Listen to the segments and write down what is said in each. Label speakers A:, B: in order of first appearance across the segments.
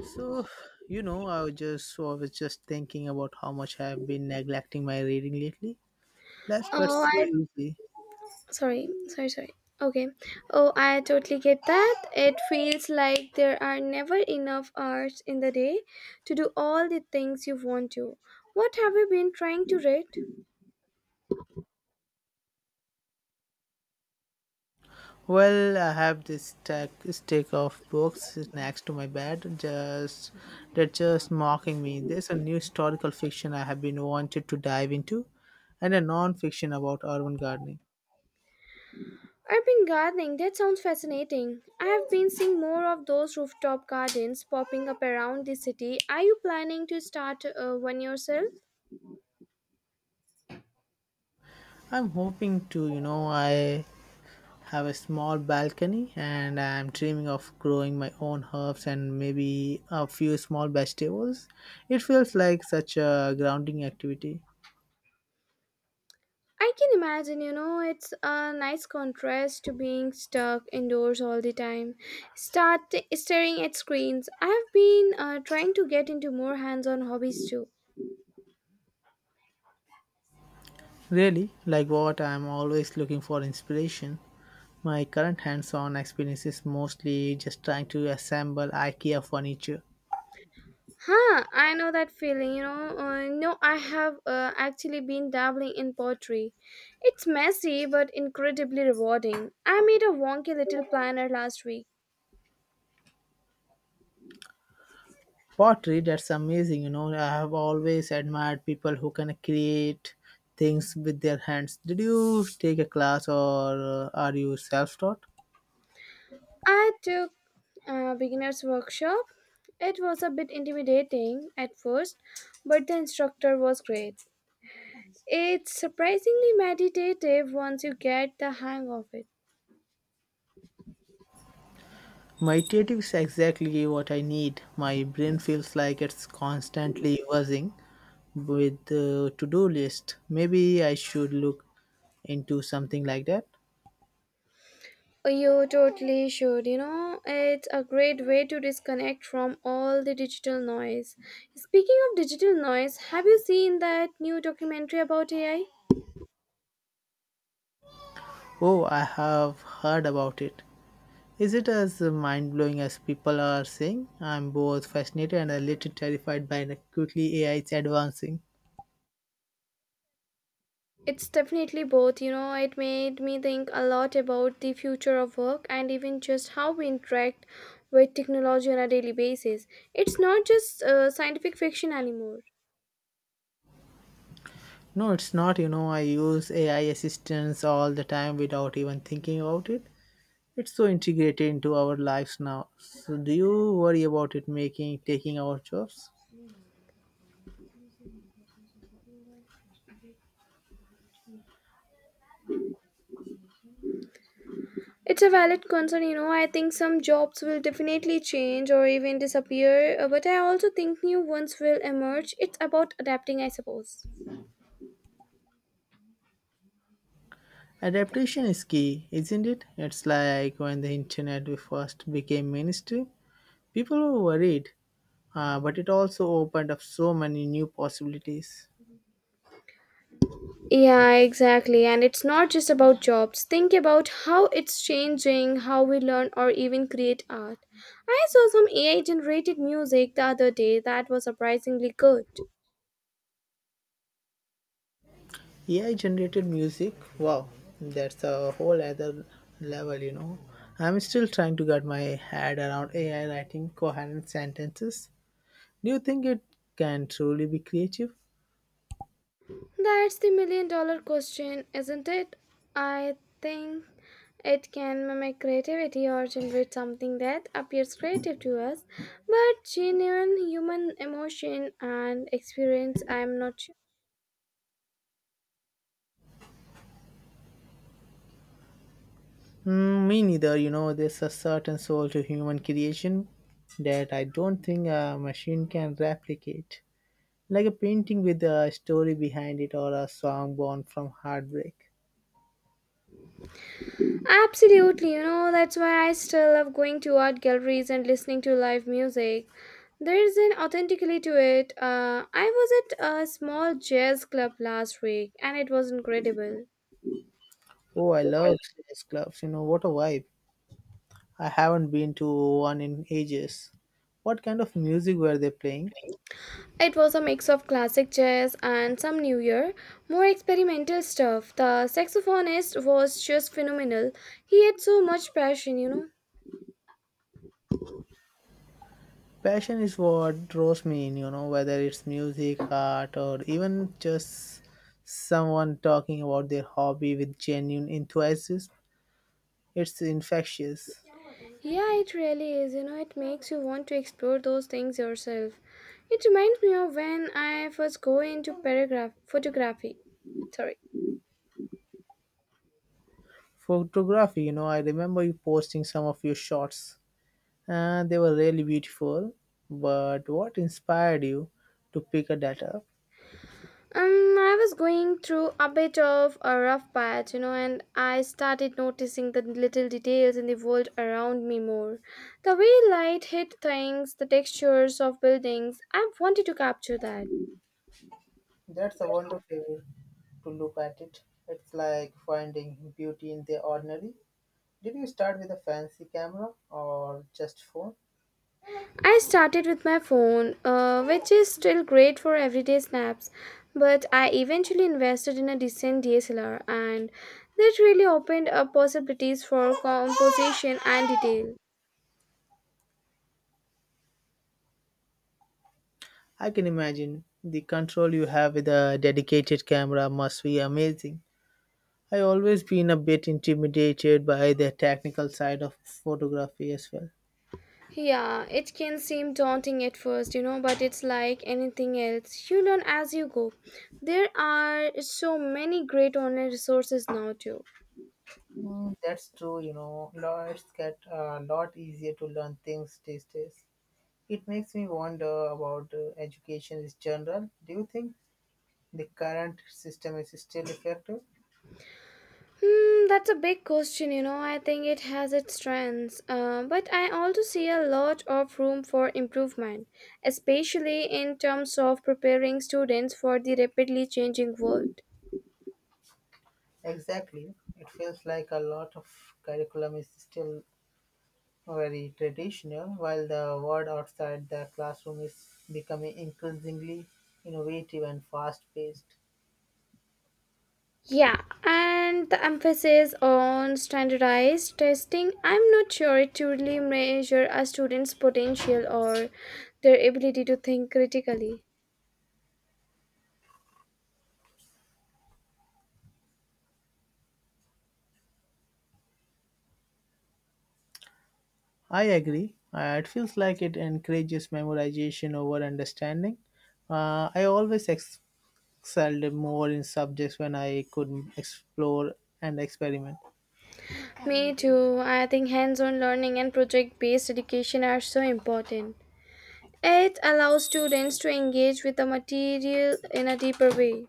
A: So, so I was just thinking about how much I have been neglecting my reading lately. Life got
B: Oh,
A: so
B: I
A: easy.
B: sorry. Okay. Oh, I totally get that. It feels like there are never enough hours in the day to do all the things you want to. What have you been trying to read?
A: Well, I have this stack of books next to my bed, just they're just mocking me. There's a new historical fiction I have been wanted to dive into, and a non-fiction about urban gardening.
B: Urban gardening, that sounds fascinating. I have been seeing more of those rooftop gardens popping up around the city. Are you planning to start one yourself?
A: I'm hoping to, you know, I have a small balcony and I'm dreaming of growing my own herbs and maybe a few small vegetables. It feels like such a grounding activity.
B: I can imagine, you know, it's a nice contrast to being stuck indoors all the time. Start staring at screens. I have been trying to get into more hands-on hobbies too.
A: Really, like what? I'm always looking for inspiration. My current hands on experience is mostly just trying to assemble IKEA furniture.
B: I know that feeling, you know. No, I have actually been dabbling in pottery. It's messy but incredibly rewarding. I made a wonky little planner last week.
A: Pottery, that's amazing, you know. I have always admired people who can create things with their hands. Did you take a class or are you self taught?
B: I took a beginner's workshop. It was a bit intimidating at first, but the instructor was great. It's surprisingly meditative once you get the hang of it.
A: My creative is exactly what I need. My brain feels like it's constantly buzzing with the to-do list. Maybe I should look into something like that.
B: You totally should, you know. It's a great way to disconnect from all the digital noise. Speaking of digital noise, have you seen that new documentary about AI?
A: Oh, I have heard about it. Is it as mind-blowing as people are saying? I'm both fascinated and a little terrified by the quickly AI is advancing.
B: It's definitely both, you know, it made me think a lot about the future of work and even just how we interact with technology on a daily basis. It's not just scientific fiction anymore.
A: No, it's not. You know, I use AI assistants all the time without even thinking about it. It's so integrated into our lives now. So do you worry about it making taking our jobs?
B: It's a valid concern, you know. I think some jobs will definitely change or even disappear, but I also think new ones will emerge. It's about adapting, I suppose.
A: Adaptation is key, isn't it? It's like when the internet first became mainstream, people were worried, but it also opened up so many new possibilities.
B: Yeah, exactly. And it's not just about jobs. Think about how it's changing how we learn or even create art. I saw some AI generated music the other day that was surprisingly good.
A: AI generated music, wow, that's a whole other level, you know. I'm still trying to get my head around AI writing coherent sentences. Do you think it can truly be creative?
B: That's the million dollar question, isn't it? I think it can mimic creativity or generate something that appears creative to us, but genuine human emotion and experience, I'm not sure.
A: Mm, me neither. You know, there's a certain soul to human creation that I don't think a machine can replicate. Like a painting with a story behind it or a song born from heartbreak.
B: Absolutely, you know, that's why I still love going to art galleries and listening to live music. There's an authenticity to it. I was at a small jazz club last week and it was incredible.
A: Oh, I love jazz clubs. You know, what a vibe. I haven't been to one in ages. What kind of music were they playing?
B: It was a mix of classic jazz and some newer, more experimental stuff. The saxophonist was just phenomenal. He had so much passion, you know.
A: Passion is what draws me in, you know, whether it's music, art, or even just someone talking about their hobby with genuine enthusiasm. It's infectious.
B: Yeah, it really is. You know, it makes you want to explore those things yourself. It reminds me of when I first go into paragraph photography. Sorry.
A: Photography, you know, I remember you posting some of your shots and they were really beautiful. But what inspired you to pick a that up?
B: I was going through a bit of a rough patch, you know, and I started noticing the little details in the world around me more. The way light hit things, the textures of buildings. I wanted to capture that.
A: That's a wonderful to look at it. It's like finding beauty in the ordinary. Did you start with a fancy camera or just phone?
B: I started with my phone, which is still great for everyday snaps, but I eventually invested in a decent DSLR, and that really opened up possibilities for composition and detail.
A: I can imagine the control you have with a dedicated camera must be amazing. I always been a bit intimidated by the technical side of photography as well.
B: Yeah, it can seem daunting at first, you know, but it's like anything else. You learn as you go. There are so many great online resources now, too.
A: Mm, that's true, you know. Law, It's get a lot easier to learn things these days. It makes me wonder about education in general. Do you think the current system is still effective?
B: That's a big question, you know. I think it has its strengths, but I also see a lot of room for improvement, especially in terms of preparing students for the rapidly changing world.
A: Exactly. It feels like a lot of curriculum is still very traditional, while the world outside the classroom is becoming increasingly innovative and fast paced.
B: Yeah, and the emphasis on standardized testing, I'm not sure it truly measure a student's potential or their ability to think critically.
A: I agree. It feels like it encourages memorization over understanding. I always excelled more in subjects when I could explore and experiment.
B: Me too. I think hands-on learning and project-based education are so important. It allows students to engage with the material in a deeper way.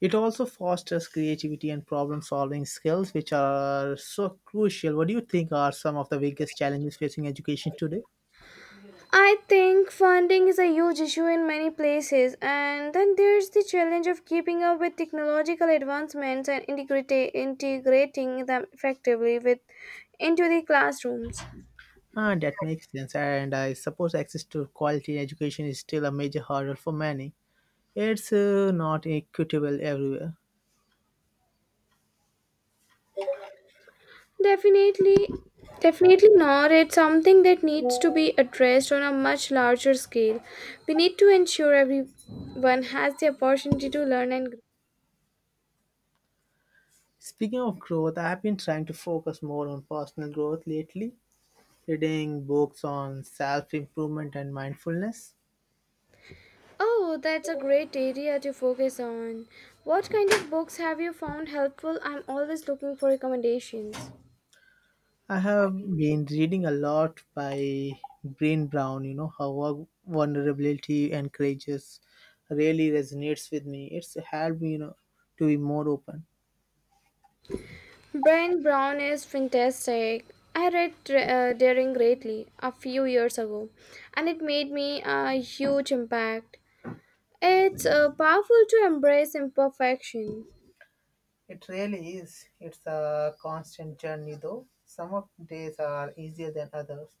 A: It also fosters creativity and problem solving skills, which are so crucial. What do you think are some of the biggest challenges facing education today?
B: I think funding is a huge issue in many places, and then there's the challenge of keeping up with technological advancements and integrating them effectively with into the classrooms.
A: And that makes sense. And I suppose access to quality education is still a major hurdle for many. It's not equitable everywhere.
B: Definitely, definitely not. It's something that needs to be addressed on a much larger scale. We need to ensure everyone has the opportunity to learn and grow.
A: Speaking of growth, I've been trying to focus more on personal growth lately, reading books on self improvement and mindfulness.
B: Oh, that's a great area to focus on. What kind of books have you found helpful? I'm always looking for recommendations.
A: I have been reading a lot by Brene Brown, you know, how our vulnerability and courageous really resonates with me. It's helped me, you know, to be more open.
B: Brian Brown is fantastic. I read Daring Greatly a few years ago, and it made me a huge impact. It's powerful to embrace imperfection.
A: It really is. It's a constant journey though. Some of days are easier than others.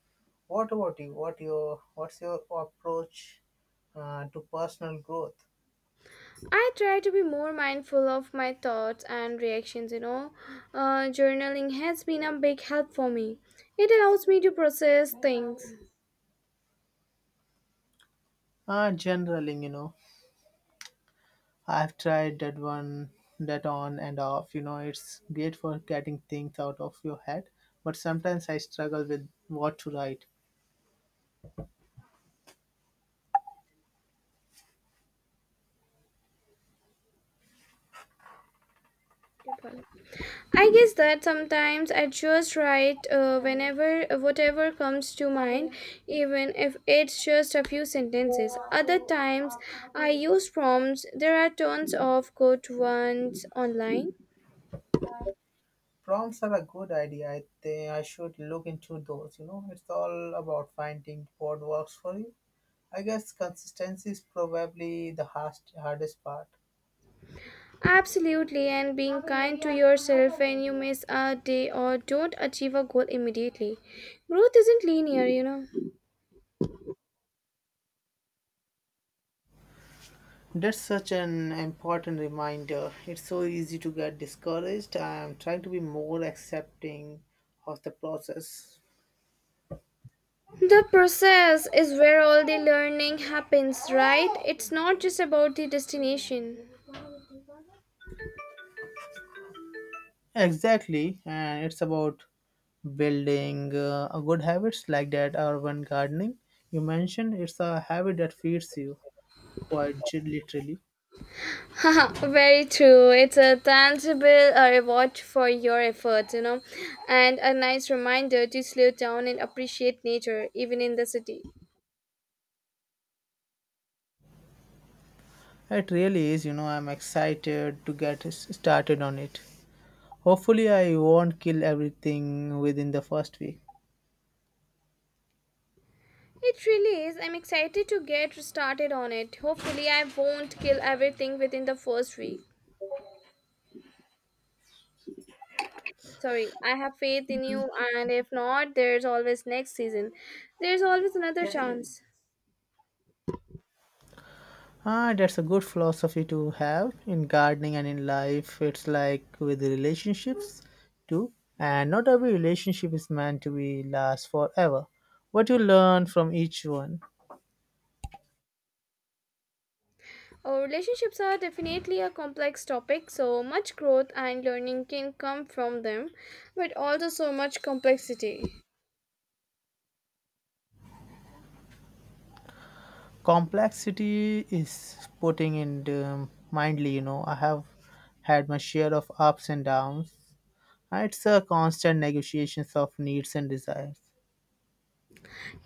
A: What about you? What's your approach to personal growth?
B: I try to be more mindful of my thoughts and reactions, you know. Journaling has been a big help for me. It allows me to process things.
A: Generally, you know, I've tried that on and off. You know, it's great for getting things out of your head, but sometimes I struggle with what to write.
B: I guess that sometimes I just write whenever whatever comes to mind, even if it's just a few sentences. Other times I use prompts. There are tons of good ones online.
A: Prompts are a good idea. I think I should look into those. You know, it's all about finding what works for you. I guess consistency is probably the hardest part.
B: Absolutely, and being kind to yourself when you miss a day or don't achieve a goal immediately. Growth isn't linear, you know.
A: That's such an important reminder. It's so easy to get discouraged. I'm trying to be more accepting of the process.
B: The process is where all the learning happens, right? It's not just about the destination.
A: Exactly, and it's about building a good habits like that urban gardening you mentioned. It's a habit that feeds you quite literally.
B: Haha, very true. It's a tangible reward for your efforts, you know, and a nice reminder to slow down and appreciate nature, even in the city.
A: It really is. You know, I'm excited to get started on it. Hopefully, I won't kill everything within the first week.
B: It really is. I'm excited to get started on it. Hopefully, I won't kill everything within the first week. Sorry, I have faith in you, and if not, there's always next season. There's always another chance.
A: Ah, that's a good philosophy to have in gardening and in life. It's like with the relationships too. And not every relationship is meant to be last forever. What you learn from each one.
B: Oh, relationships are definitely a complex topic, so much growth and learning can come from them, but also so much complexity.
A: Complexity is putting in mindly, you know. I have had my share of ups and downs. Ah, it's a constant negotiations of needs and desires.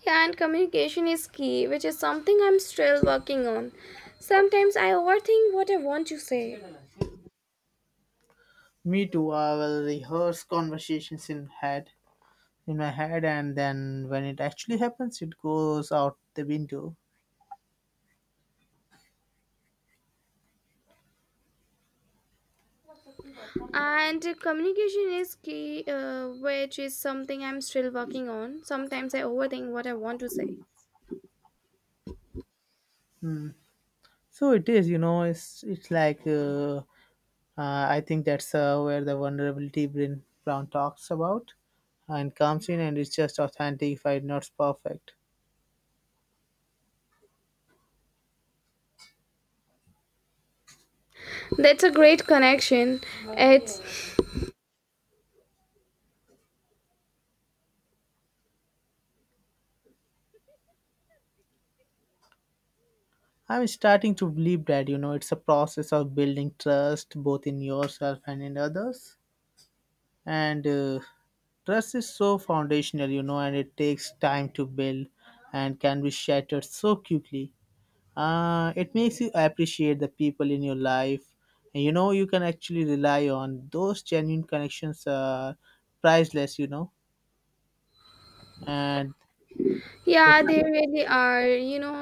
B: Yeah, and communication is key, which is something I'm still working on. Sometimes I overthink what I want to say,
A: Me too. I will rehearse conversations in my head, and then when it actually happens, it goes out the window.
B: and communication is key, which is something I'm still working on. Sometimes I overthink what I want to say.
A: So it is, you know, it's like I think that's where the vulnerability Bryn Brown talks about, and comes in, and it's just authentic, if it's not perfect.
B: That's a great connection. It's
A: I'm starting to believe that, you know, it's a process of building trust both in yourself and in others. And trust is so foundational, you know, and it takes time to build and can be shattered so quickly. It makes you appreciate the people in your life and, you know, you can actually rely on. Those genuine connections are priceless, you know. And so,
B: yeah,
A: thank
B: they
A: you.
B: really are. You know,